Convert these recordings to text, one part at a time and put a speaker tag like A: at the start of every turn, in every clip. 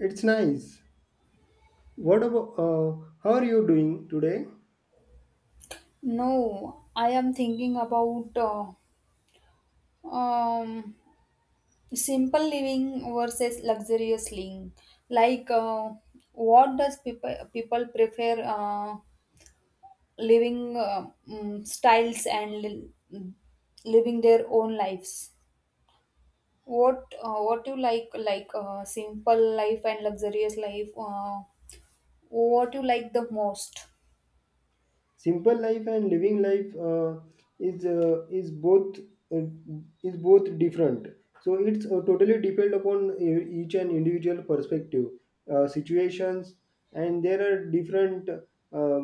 A: It's nice. What about how are you doing today?
B: No, I am thinking about uh, um, simple living versus luxurious living. Like, uh, what does people prefer living styles and living their own lives? What you like like simple life and luxurious life? What you like the most?
A: Simple life and living life is uh, is both uh, is both different. So it's totally depend upon each and individual perspective, situations, and there are different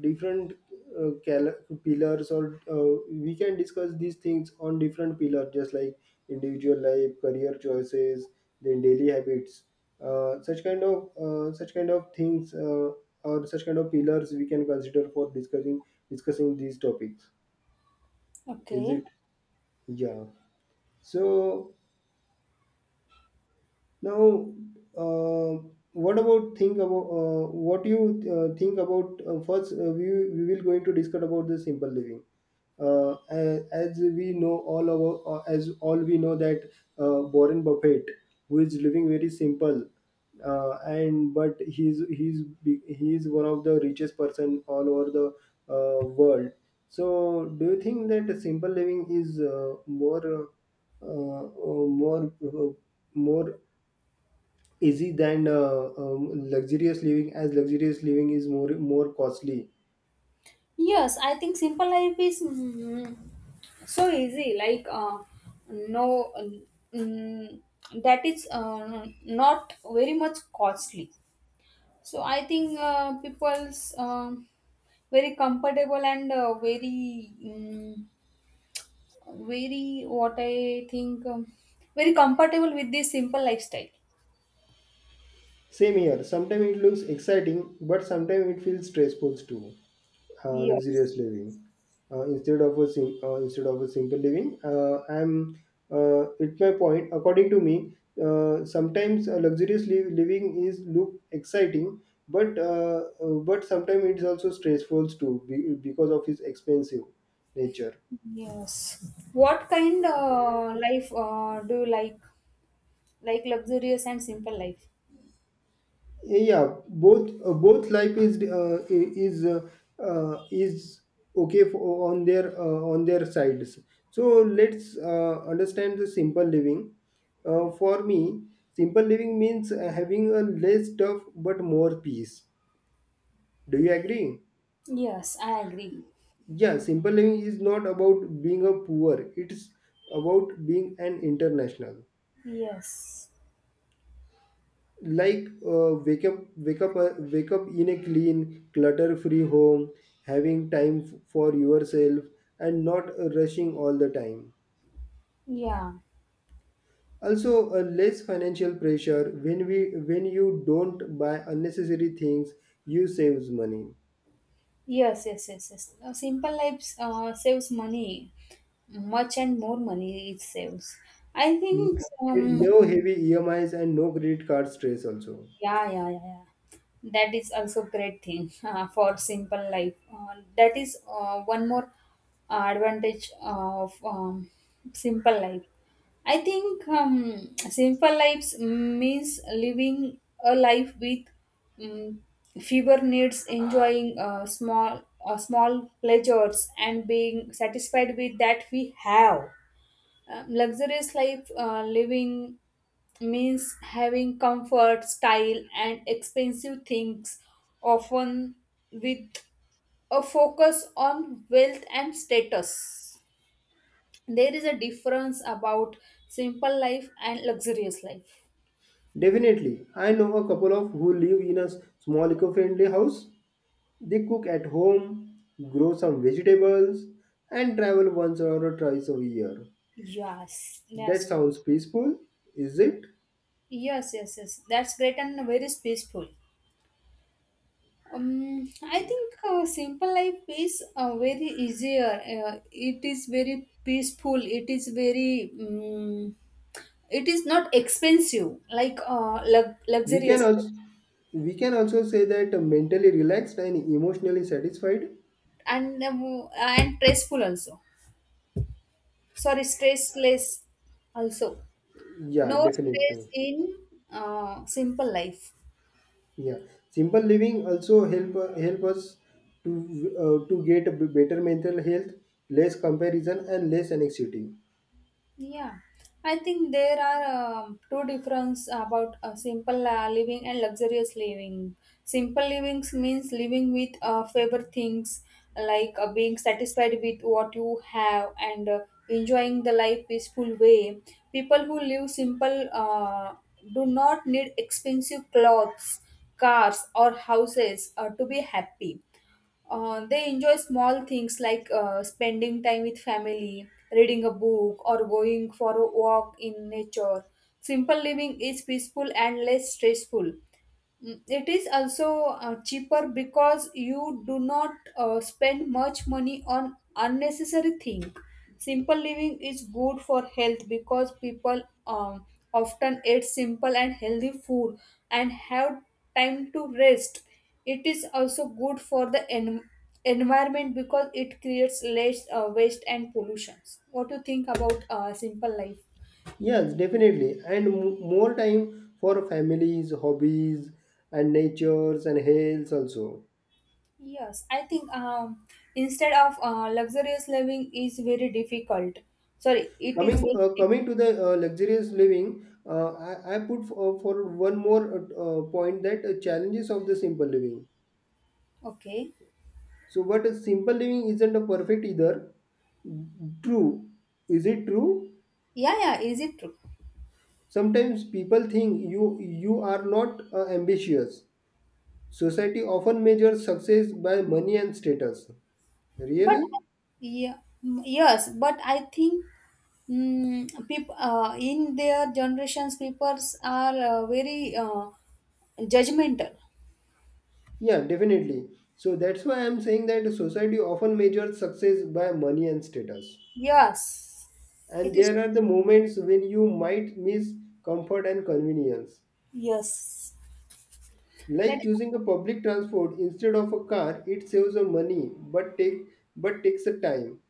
A: different uh, cal- pillars or we can discuss these things on different pillars just like individual life career choices, then daily habits, such kind of such kind of things, or such kind of pillars we can consider for discussing these topics. Is
B: Okay.
A: it? Yeah. So now, uh, what about think about what you think about, first, we will going to discuss about the simple living. As we know all our, as all we know that Warren Buffett, who is living very simple, and but he is one of the richest person all over the, world. So do you think that simple living is more, uh, uh, more, more easy than luxurious living, as luxurious living is more costly?
B: Yes, I think simple life is so easy. No, mm, that is not very much costly. So I think people's very comfortable and very mm, very what I think very comfortable with this simple lifestyle.
A: Same here. Sometimes it looks exciting, but sometimes it feels stressful too. Luxurious
B: Yes.
A: living, instead of a simple living, I'm. It's my point. According to me, sometimes living is look exciting, but sometimes it's also stressful too because of its expensive nature.
B: Yes. What kind life do you like? Like luxurious and simple life.
A: Yeah, both both life is is okay for, on their, on their sides. So let's understand the simple living. For me, simple living means having a less stuff but more peace. Do you agree?
B: Yes, I agree.
A: Yeah, simple living is not about being a poor, it's about being an international.
B: Yes.
A: Like, wake up in a clean clutter free home, having time for yourself, and not rushing all the time.
B: Yeah.
A: Also, less financial pressure. When we when you don't buy unnecessary things, you saves money.
B: Yes, yes, yes, yes. Simple lives saves money, much and more money it saves. I think
A: No heavy emis and no credit card stress also.
B: yeah, yeah, yeah, yeah, that is also great thing for simple life, that is one more advantage of simple life. I think simple lives means living a life with um, fewer needs, enjoying small pleasures and being satisfied with that we have. Luxurious life living means having comfort, style, and expensive things, often with a focus on wealth and status. There is a difference about simple life and luxurious life.
A: Definitely, I know a couple of who live in a small eco-friendly house. They cook at home, grow some vegetables, and travel once or twice a year.
B: Yes,
A: That
B: that's
A: sounds peaceful, is it?
B: yes, yes, yes. That's great and very peaceful. I think simple life is very easier. It is very peaceful. It is very. It is not expensive like
A: We
B: luxurious,
A: can also, we can also say that mentally relaxed and emotionally satisfied.
B: and stressful also. Sorry, stressless also.
A: Yeah,
B: No stress
A: definitely.
B: in simple life.
A: Yeah, simple living also help help us to, to get a better mental health, less comparison, and less anxiety.
B: Yeah, I think there are two difference about simple living and luxurious living. Simple living means living with favorite things, like being satisfied with what you have, and enjoying the life peaceful way. People who live simple do not need expensive clothes, cars, or houses to be happy. They enjoy small things like spending time with family, reading a book, or going for a walk in nature. Simple living is peaceful and less stressful. It is also cheaper because you do not spend much money on unnecessary things. Simple living is good for health because people often eat simple and healthy food and have time to rest. It is also good for the environment because it creates less waste and pollutions. What do you think about simple life?
A: Yes, definitely. And more time for families, hobbies, and natures and health also.
B: Yes, I think Instead of luxurious living is very difficult. Sorry, it is
A: Coming
B: very
A: uh, coming to the, luxurious living, I put for one more, point that, challenges of the simple living.
B: okay.
A: So, but a simple living isn't a perfect either. True, is it true?
B: Yeah, yeah, is it true?
A: Sometimes people think you are not ambitious. Society often measures success by money and status.
B: But
A: Really?
B: yeah, yes, but I think people in their generations, people are very judgmental.
A: Yeah, definitely. So that's why I'm saying that society often measures success by money and status.
B: Yes, it
A: And
B: is.
A: there are the moments when you might miss comfort and convenience.
B: Yes, that
A: Like
B: is.
A: choosing a public transport instead of a car, it saves you money but takes a time.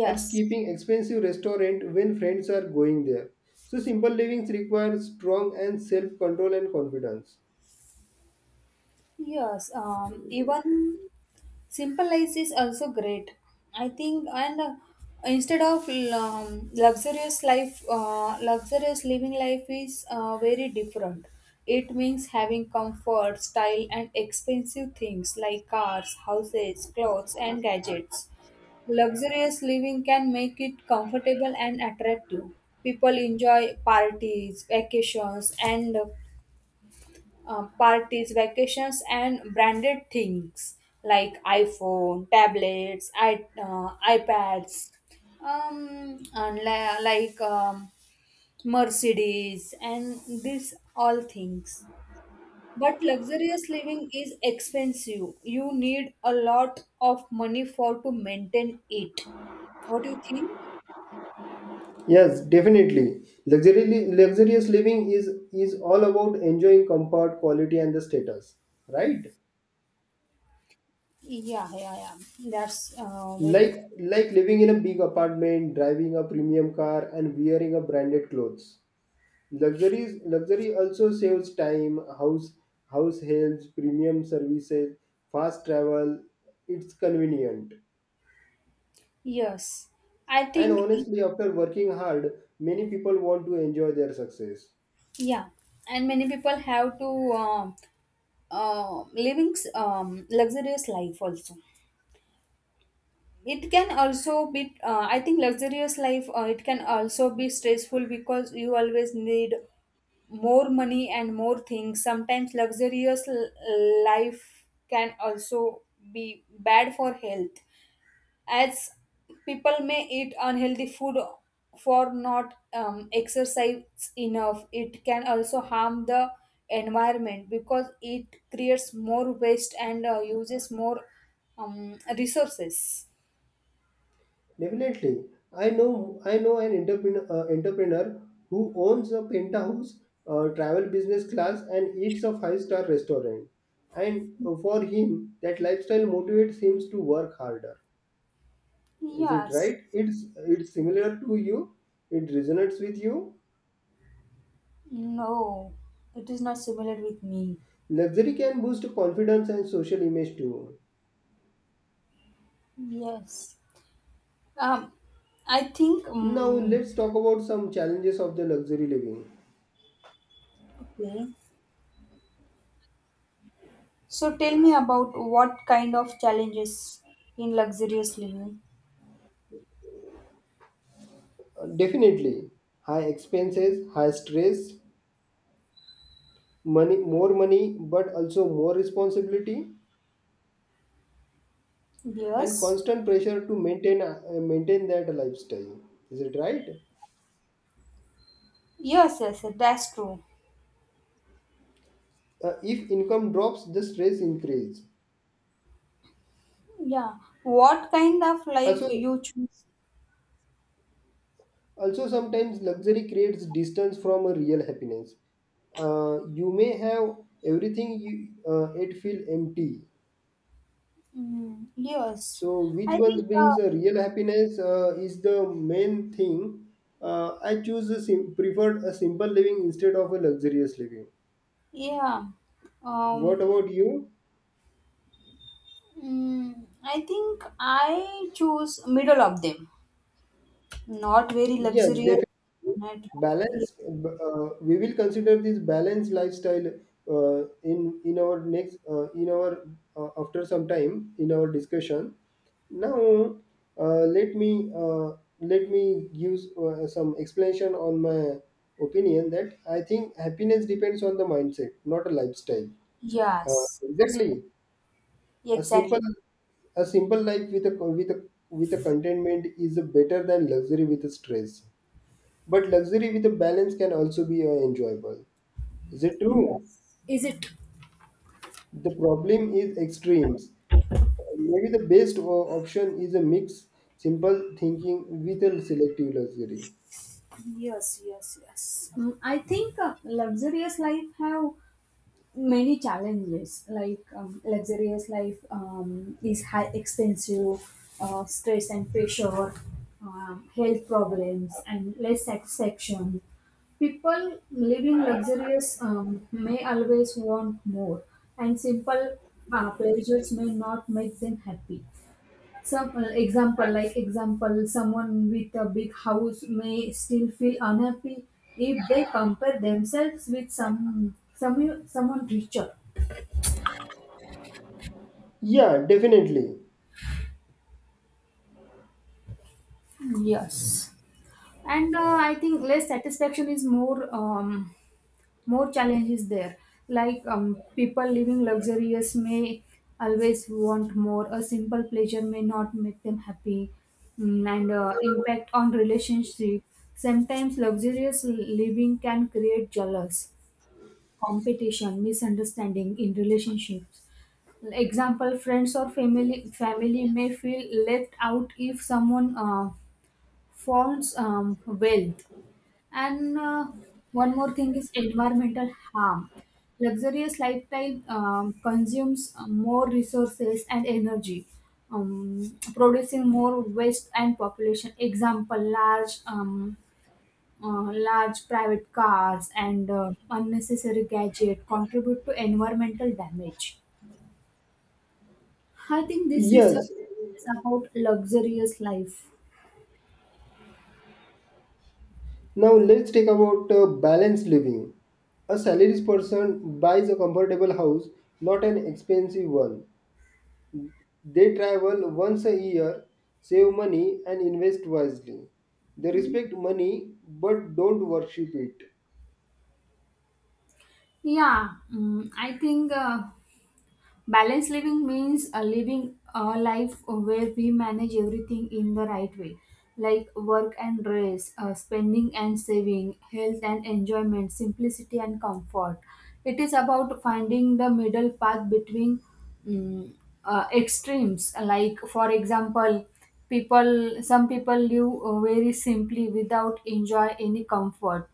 A: Or skipping expensive restaurant when friends are going there. So simple livings require strong and self-control and confidence.
B: Yes, even simple life is also great. I think, and instead of luxurious life, luxurious living life is very different. It means having comfort, style, and expensive things like cars, houses, clothes, and gadgets. Luxurious living can make it comfortable and attractive. People enjoy parties, vacations, and branded things like iPhone, tablets, I iPads, and like Mercedes, and these all things. But luxurious living is expensive. You need a lot of money for to maintain it. What do you think?
A: Yes, definitely. Luxurious living is all about enjoying comfort, quality, and the status, right?
B: Yeah, yeah, yeah. That's very true.
A: Like, living in a big apartment, driving a premium car, and wearing a branded clothes. Luxuries Luxury also saves time, house helps, premium services, fast travel. It's convenient,
B: Yes, I
A: and
B: think it.
A: honestly, after working hard, many people want to enjoy their success.
B: Yeah, and many people have to living luxurious life also. It can also be, I think, luxurious life. It can also be stressful because you always need more money and more things. Sometimes life can also be bad for health, as people may eat unhealthy food, for not exercise enough. It can also harm the environment because it creates more waste and uses more resources.
A: Definitely, I know an entrepreneur, entrepreneur who owns a penthouse, travel business class, and eats a five-star restaurant. And for him, that lifestyle motivates him to work harder. Is it
B: Yes.
A: right? It's, similar to you. It resonates with you.
B: No, it is not similar with me.
A: Luxury can boost confidence and social image too.
B: Yes. um, I think
A: Now let's talk about some challenges of the luxury living.
B: Okay. So tell me about what kind of challenges in luxurious living.
A: Definitely, high expenses, high stress, money, more money but also more responsibility, and
B: Yes.
A: constant pressure to maintain, maintain that lifestyle. Is it right?
B: Yes, yes, that's true.
A: If income drops, the stress increase.
B: Yeah. What kind of life
A: Also,
B: you choose?
A: sometimes luxury creates distance from a real happiness. You may have everything, you it feel empty.
B: Mm, yes.
A: So
B: I
A: which ones
B: think,
A: brings a real happiness, is the main thing. I preferred a simple living instead of a luxurious living.
B: yeah.
A: What
B: Um,
A: about you?
B: I think I choose middle of them. Not very
A: Yes,
B: luxurious.
A: definitely.
B: Not,
A: Balance. We will consider this balanced lifestyle, in our next, in our, after some time in our discussion. Now, uh, let me uh, let me give, some explanation on my opinion that I think happiness depends on the mindset, not a lifestyle.
B: yes. That's
A: Exactly. A
B: exactly.
A: simple, life with a with a contentment is better than luxury with a stress, but luxury with a balance can also be, enjoyable. Is it true?
B: Yes. Is it?
A: The problem is extremes. Maybe the best option is a mix: simple thinking with a selective luxury.
B: Yes, yes, yes. I think luxurious life have many challenges, like luxurious life is high expensive, stress and pressure, health problems and less satisfaction. People living luxurious may always want more, and simple pleasures may not make them happy. Like example, someone with a big house may still feel unhappy if they compare themselves with someone richer.
A: Yeah, definitely.
B: Yes. And I think less satisfaction is more more challenges there, like people living luxurious may always want more. A simple pleasure may not make them happy. Mm, and Impact on relationship: sometimes luxurious living can create jealous, competition, misunderstanding in relationships. Example: friends or family may feel left out if someone forms wealth. And one more thing is environmental harm. Luxurious lifestyle consumes more resources and energy, producing more waste and population. Example: large, large private cars and unnecessary gadget contribute to environmental damage. I think this is
A: Yes.
B: about luxurious life.
A: Now let's take about, balanced living. A salaried person buys a comfortable house, not an expensive one. They travel once a year, save money, and invest wisely. They respect money but don't worship it.
B: Yeah, I think, balanced living means living a life where we manage everything in the right way, like work and rest, spending and saving, health and enjoyment, simplicity and comfort. It is about finding the middle path between mm, extremes. Like, for example, people some people live very simply without enjoy any comfort.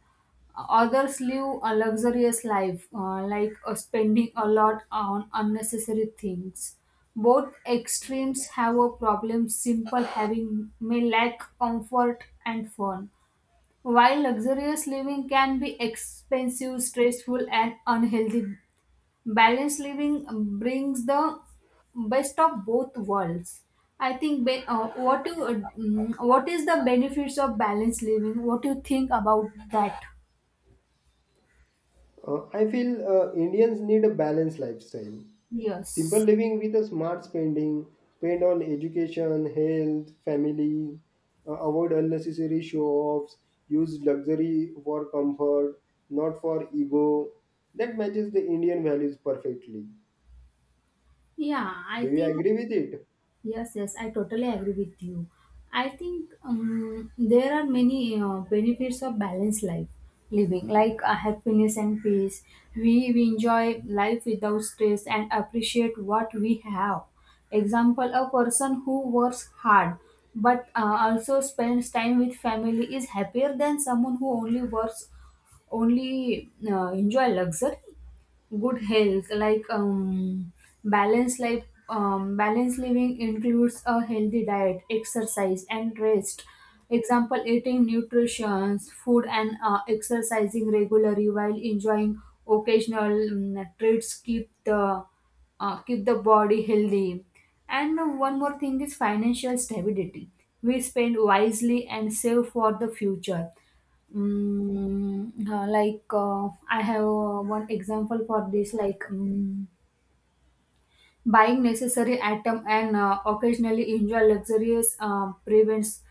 B: Others live a luxurious life, like spending a lot on unnecessary things. Both extremes have a problem. Simple having may lack comfort and fun, while luxurious living can be expensive, stressful, and unhealthy. Balanced living brings the best of both worlds. I think. What you, what is the benefits of balanced living? What do you think about that?
A: I feel Indians need a balanced lifestyle. Simple
B: Yes.
A: living with a smart spending, spend on education, health, family, avoid unnecessary show offs, use luxury for comfort, not for ego. That matches the Indian values perfectly.
B: Yeah, I
A: Do you
B: think,
A: agree with it?
B: yes, yes, I totally agree with you. I think there are many benefits of balanced life living, like happiness and peace. We enjoy life without stress and appreciate what we have. Example, a person who works hard but also spends time with family is happier than someone who only works, only enjoy luxury. Good health, like balanced life, balanced living includes a healthy diet, exercise, and rest. Example: eating nutritious food and exercising regularly while enjoying occasional treats keep the body healthy. And one more thing is financial stability. We spend wisely and save for the future. I have one example for this. Buying necessary item and occasionally enjoy luxurious prevents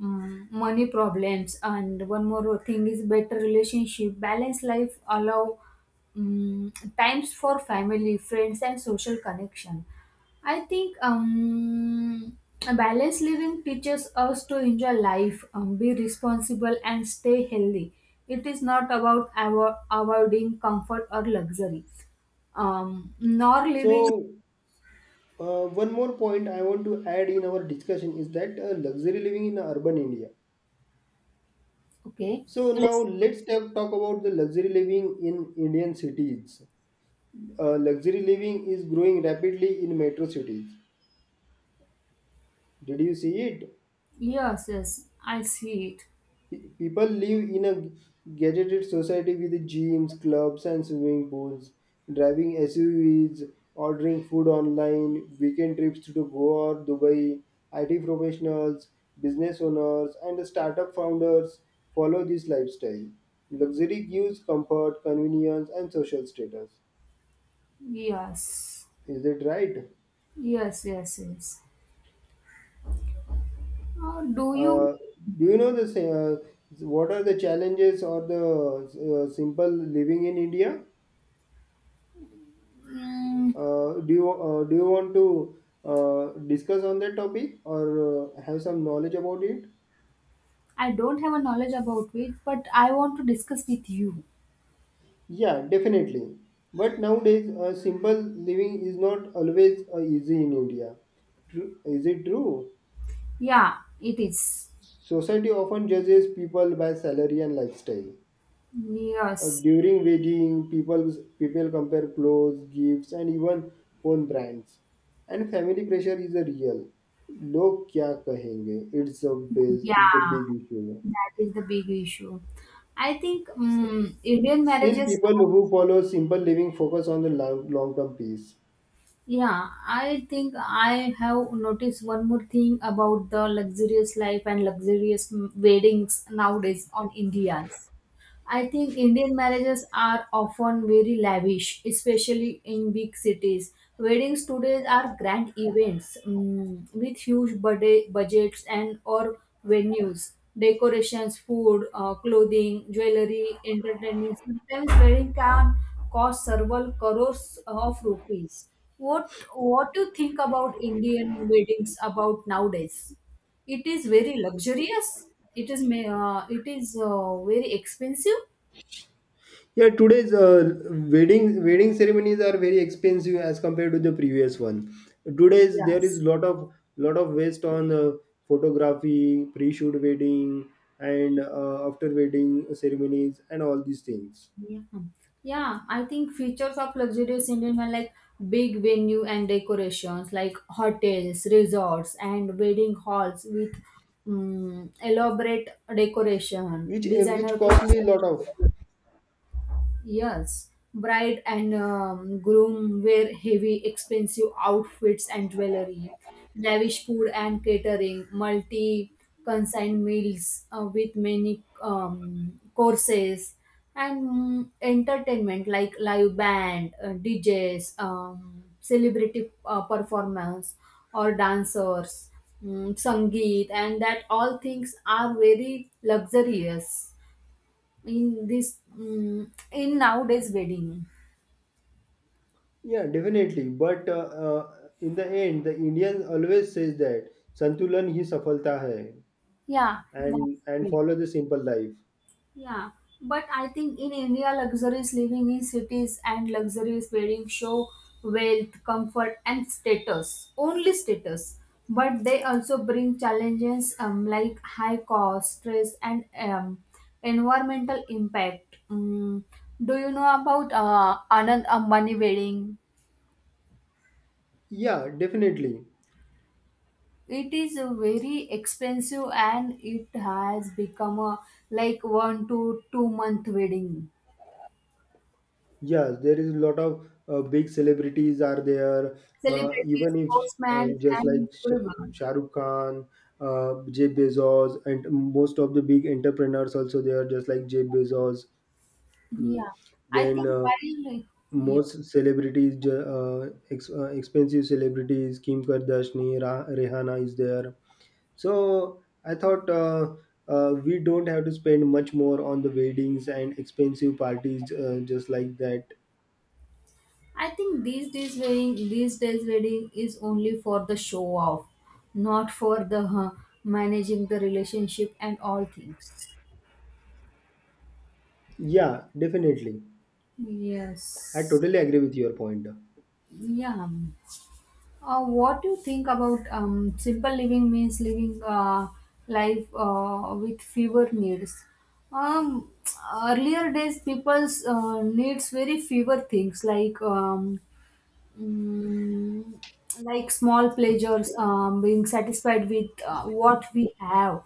B: money problems. And one more thing is better relationship. Balanced life allow um, times for family, friends, and social connection. I think balanced living teaches us to enjoy life, be responsible, and stay healthy. It is not about avoiding comfort or luxury, nor living.
A: So, one more point I want to add in our discussion is that, luxury living in urban India.
B: Okay.
A: So now
B: Yes.
A: let's talk, about the luxury living in Indian cities. Luxury living is growing rapidly in metro cities. Did you see it?
B: Yes, yes, I see it.
A: People live in a gadgeted society with gyms, clubs, and swimming pools, driving SUVs, ordering food online, weekend trips to Goa or Dubai. IT professionals, business owners, and startup founders follow this lifestyle. Luxury gives comfort, convenience, and social status.
B: Yes,
A: Is it right?
B: yes, yes, yes. Do you?
A: Uh, do you know the sa- What are the challenges or the, simple living in India?
B: Mm,
A: Do you want to, discuss on that topic or, have some knowledge about it?
B: I don't have a knowledge about it, but I want to discuss with you.
A: Yeah, definitely. But nowadays, simple living is not always easy in India. True. Is it true?
B: Yeah, it is.
A: Society often judges people by salary and lifestyle.
B: Yes,
A: During wedding, people compare clothes, gifts, and even phone brands. And family pressure is a real. लोग क्या कहेंगे It's a base. Is the
B: yeah,
A: big issue.
B: that is the big issue. I think Indian
A: Still,
B: marriages.
A: people who follow simple living focus on the long term peace.
B: Yeah, I think I have noticed one more thing about the luxurious life and weddings nowadays on Indians. I think Indian marriages are often very lavish, especially in big cities. Weddings today are grand events, with huge budgets and or venues, decorations, food, clothing, jewelry, entertainment. Sometimes wedding can cost several crores of rupees. What do you think about Indian weddings about nowadays? It is very luxurious. It is very expensive.
A: Yeah, today's, wedding ceremonies are very expensive as compared to the previous one. Today's there is
B: Yes.
A: lot of, waste on, photography, pre-shoot wedding, and after wedding ceremonies and all these things,
B: Yeah. Yeah, I think features of luxurious Indian are like big venue and decorations, like hotels, resorts, and wedding halls with elaborate decoration,
A: which, which
B: designer clothes.
A: costly lot of.
B: Yes, bride and groom wear heavy, expensive outfits and jewelry, lavish food and catering, multi consigned meals with many courses, and entertainment like live band, DJs, celebrity performance, or dancers, sangeet, and that all things are very luxurious in this mm in nowadays wedding.
A: Yeah, definitely. But in the end, the Indian always says that संतुलन ही सफलता है,
B: Yeah,
A: and
B: that's great.
A: follow the simple life.
B: Yeah, but I think in India, luxurious living in cities and luxurious wedding show wealth, comfort, and status. Only status. But they also bring challenges, like high cost, stress, and environmental impact. Do you know about Anand Ambani wedding?
A: Yeah, definitely.
B: It is a very expensive and it has become a like 1 to 2 month wedding.
A: Yes, there is a lot of, big celebrities are there.
B: Celebrities,
A: Even if,
B: sportsmen,
A: just like
B: and everyone.
A: Shah Rukh Khan, Jeff Bezos, and most of the big entrepreneurs also there just like Jeff Bezos. Mm.
B: Yeah, I
A: Then,
B: think while like, yeah,
A: most celebrities, expensive celebrities Kim Kardashian, Rihanna is there. So I thought, we don't have to spend much more on the weddings and expensive parties, just like that.
B: I think these days wedding, these days wedding is only for the show off, not for the managing the relationship and all things.
A: Yeah, definitely. I
B: Yes.
A: totally agree with your point.
B: Yeah. What do you think about simple living means living life with fewer needs? Um, Earlier days, people's needs very fewer things like Mm, like small pleasures, being satisfied with what we have.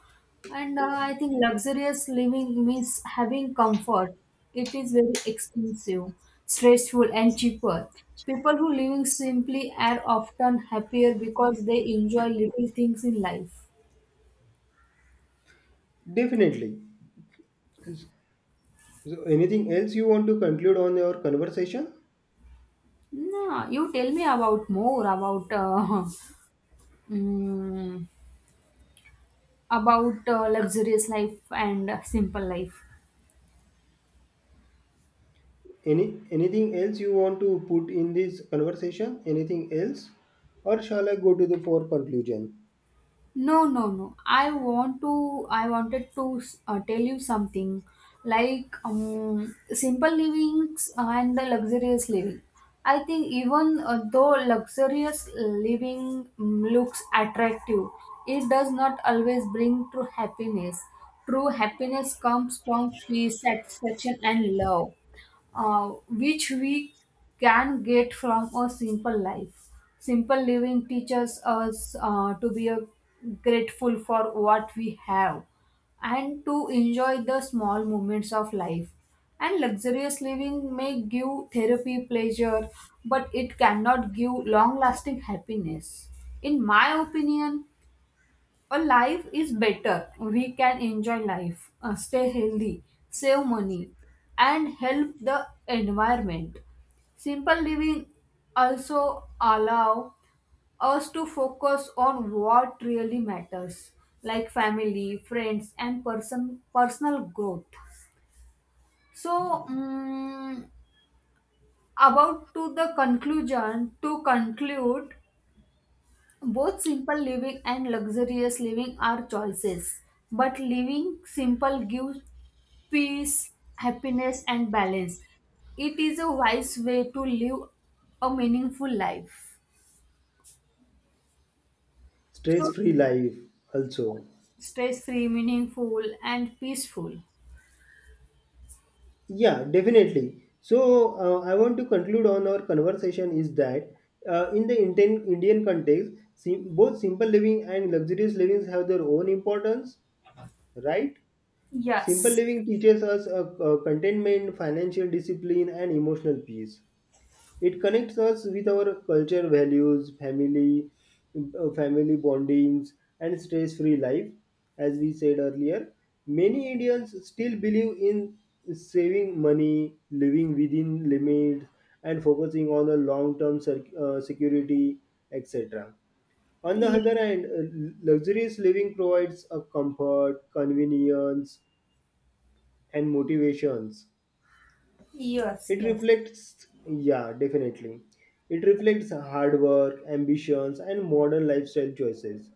B: And I think luxurious living means having comfort. It is very expensive, stressful, and cheaper. People who living simply are often happier because they enjoy little things in life.
A: Definitely. So anything else you want to conclude on your conversation?
B: No, you tell me about more about mm, about luxurious life and simple life.
A: Any anything else you want to put in this conversation? Anything else? Or shall I go to the for conclusion?
B: No, no, no. I want to. I wanted to tell you something, like simple livings and the luxurious living. I think even though luxurious living looks attractive, it does not always bring true happiness. True happiness comes from peace, satisfaction, and love, uh, which we can get from a simple life. Simple living teaches us to be a grateful for what we have and to enjoy the small moments of life. And luxurious living may give therapy pleasure, but it cannot give long lasting happiness. In my opinion, a life is better. We can enjoy life, stay healthy, save money, and help the environment. Simple living also allow us to focus on what really matters, like family, friends, and personal growth. So, about to the conclusion, to conclude, both simple living and luxurious living are choices, but living simple gives peace, happiness, and balance. It is a wise way to live a meaningful life. So,
A: Stress free life also.
B: stress free, meaningful, and peaceful.
A: Yeah, definitely. So, I want to conclude on our conversation is that, Indian context, both simple living and luxurious living have their own importance, right? Simple
B: Yes.
A: living teaches us, contentment, financial discipline, and emotional peace. It connects us with our culture, values, family, family bondings, and stress-free life. As we said earlier, many Indians still believe in saving money, living within limits, and focusing on a long-term security, etc. On the
B: Yes.
A: other hand, luxurious living provides a comfort, convenience, and motivations.
B: Yes.
A: It
B: Yes.
A: reflects, yeah, definitely, it reflects hard work, ambitions, and modern lifestyle choices.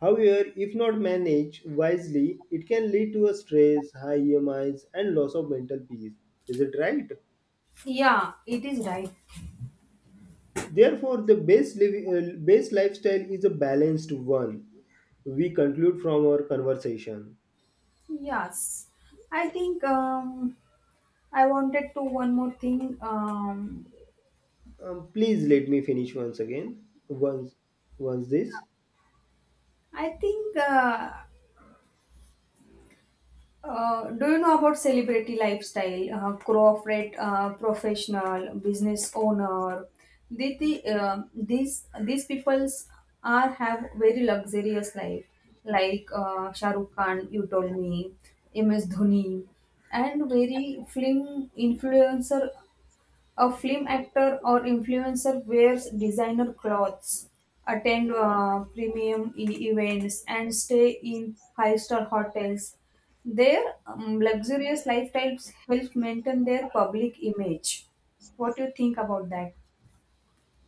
A: However, if not managed wisely, it can lead to a stress, high EMIs, and loss of mental peace. Is it right?
B: Yeah, it is right.
A: Therefore, the living, best lifestyle is a balanced one. We conclude from our conversation.
B: Yes. I think I wanted to one more thing.
A: Please let me finish once again. Once this.
B: I think do you know about celebrity lifestyle, corporate professional, business owner? They, these people's are have very luxurious life, like Shah Rukh Khan, you told me, MS Dhoni, and very film influencer, a film actor or influencer wears designer clothes, attend premium events, and stay in five-star hotels. Their luxurious lifestyles help maintain their public image. What do you think about that?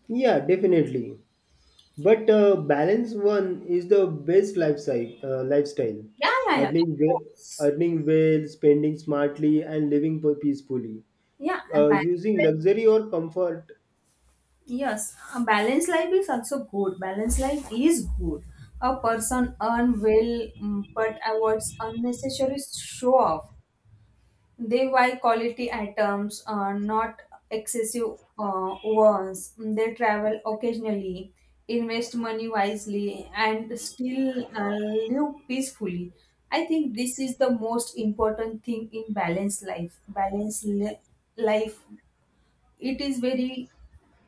A: Yeah, definitely. But balance one is the best lifestyle.
B: Yeah, yeah, yeah. Of course.
A: Earning well, spending smartly, and living peacefully.
B: Yeah, a balanced
A: Using
B: life.
A: luxury or comfort.
B: Yes, a balanced life is also good. Balanced life is good. A person earn well, but avoids unnecessary show off. They buy quality items, not excessive ones. They travel occasionally, invest money wisely, and still live peacefully. I think this is the most important thing in balanced life. Life, it is very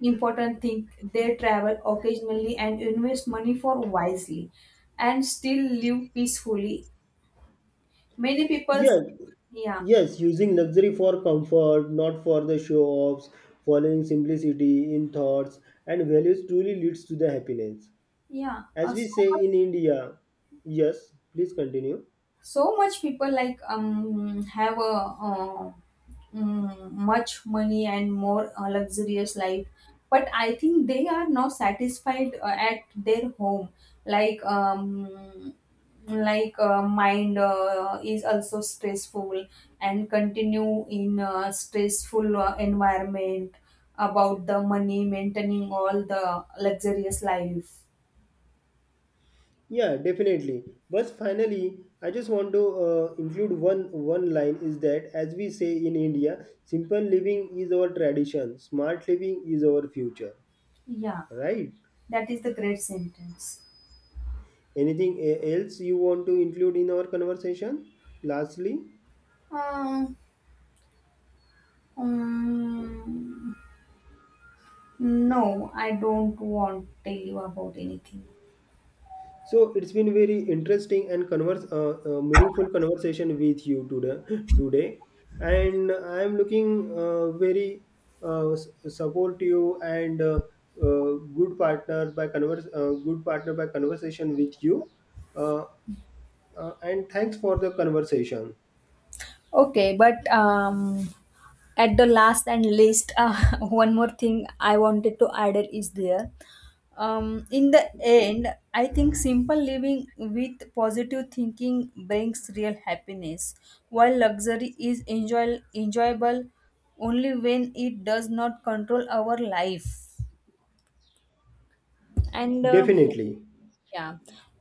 B: important thing. They travel occasionally and invest money for wisely, and still live peacefully. Many people,
A: Yeah,
B: yeah,
A: yes, using luxury for comfort, not for the show offs. Following simplicity in thoughts and values truly leads to the happiness.
B: yeah,
A: As we say in India. Yes, please continue.
B: so much people like have a uh, much money and more luxurious life, but I think they are not satisfied at their home, like mind is also stressful and continue in a stressful environment about the money maintaining all the luxurious life.
A: Yeah, definitely. But finally, I just want to, include one line is that as we say in India, simple living is our tradition, smart living is our future.
B: Yeah,
A: Right?
B: that is the great sentence.
A: Anything else you want to include in our conversation? Lastly.
B: Uh, Um, no, I don't want to tell you about anything.
A: So it's been very interesting and meaningful conversation with you today. Today, and I am looking very, supportive and, uh, good partner by conversation with you. Uh, and thanks for the conversation.
B: Okay, but at the last and least, one more thing I wanted to add is there. In the end, I think simple living with positive thinking brings real happiness, while luxury is enjoyable only when it does not control our life. And
A: Definitely,
B: yeah,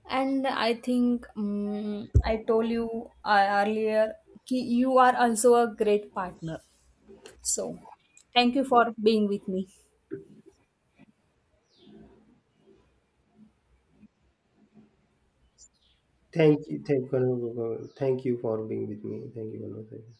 B: and I think I told you earlier ki you are also a great partner. So, thank you for being with me.
A: thank you for being with me. Thank you, conversation.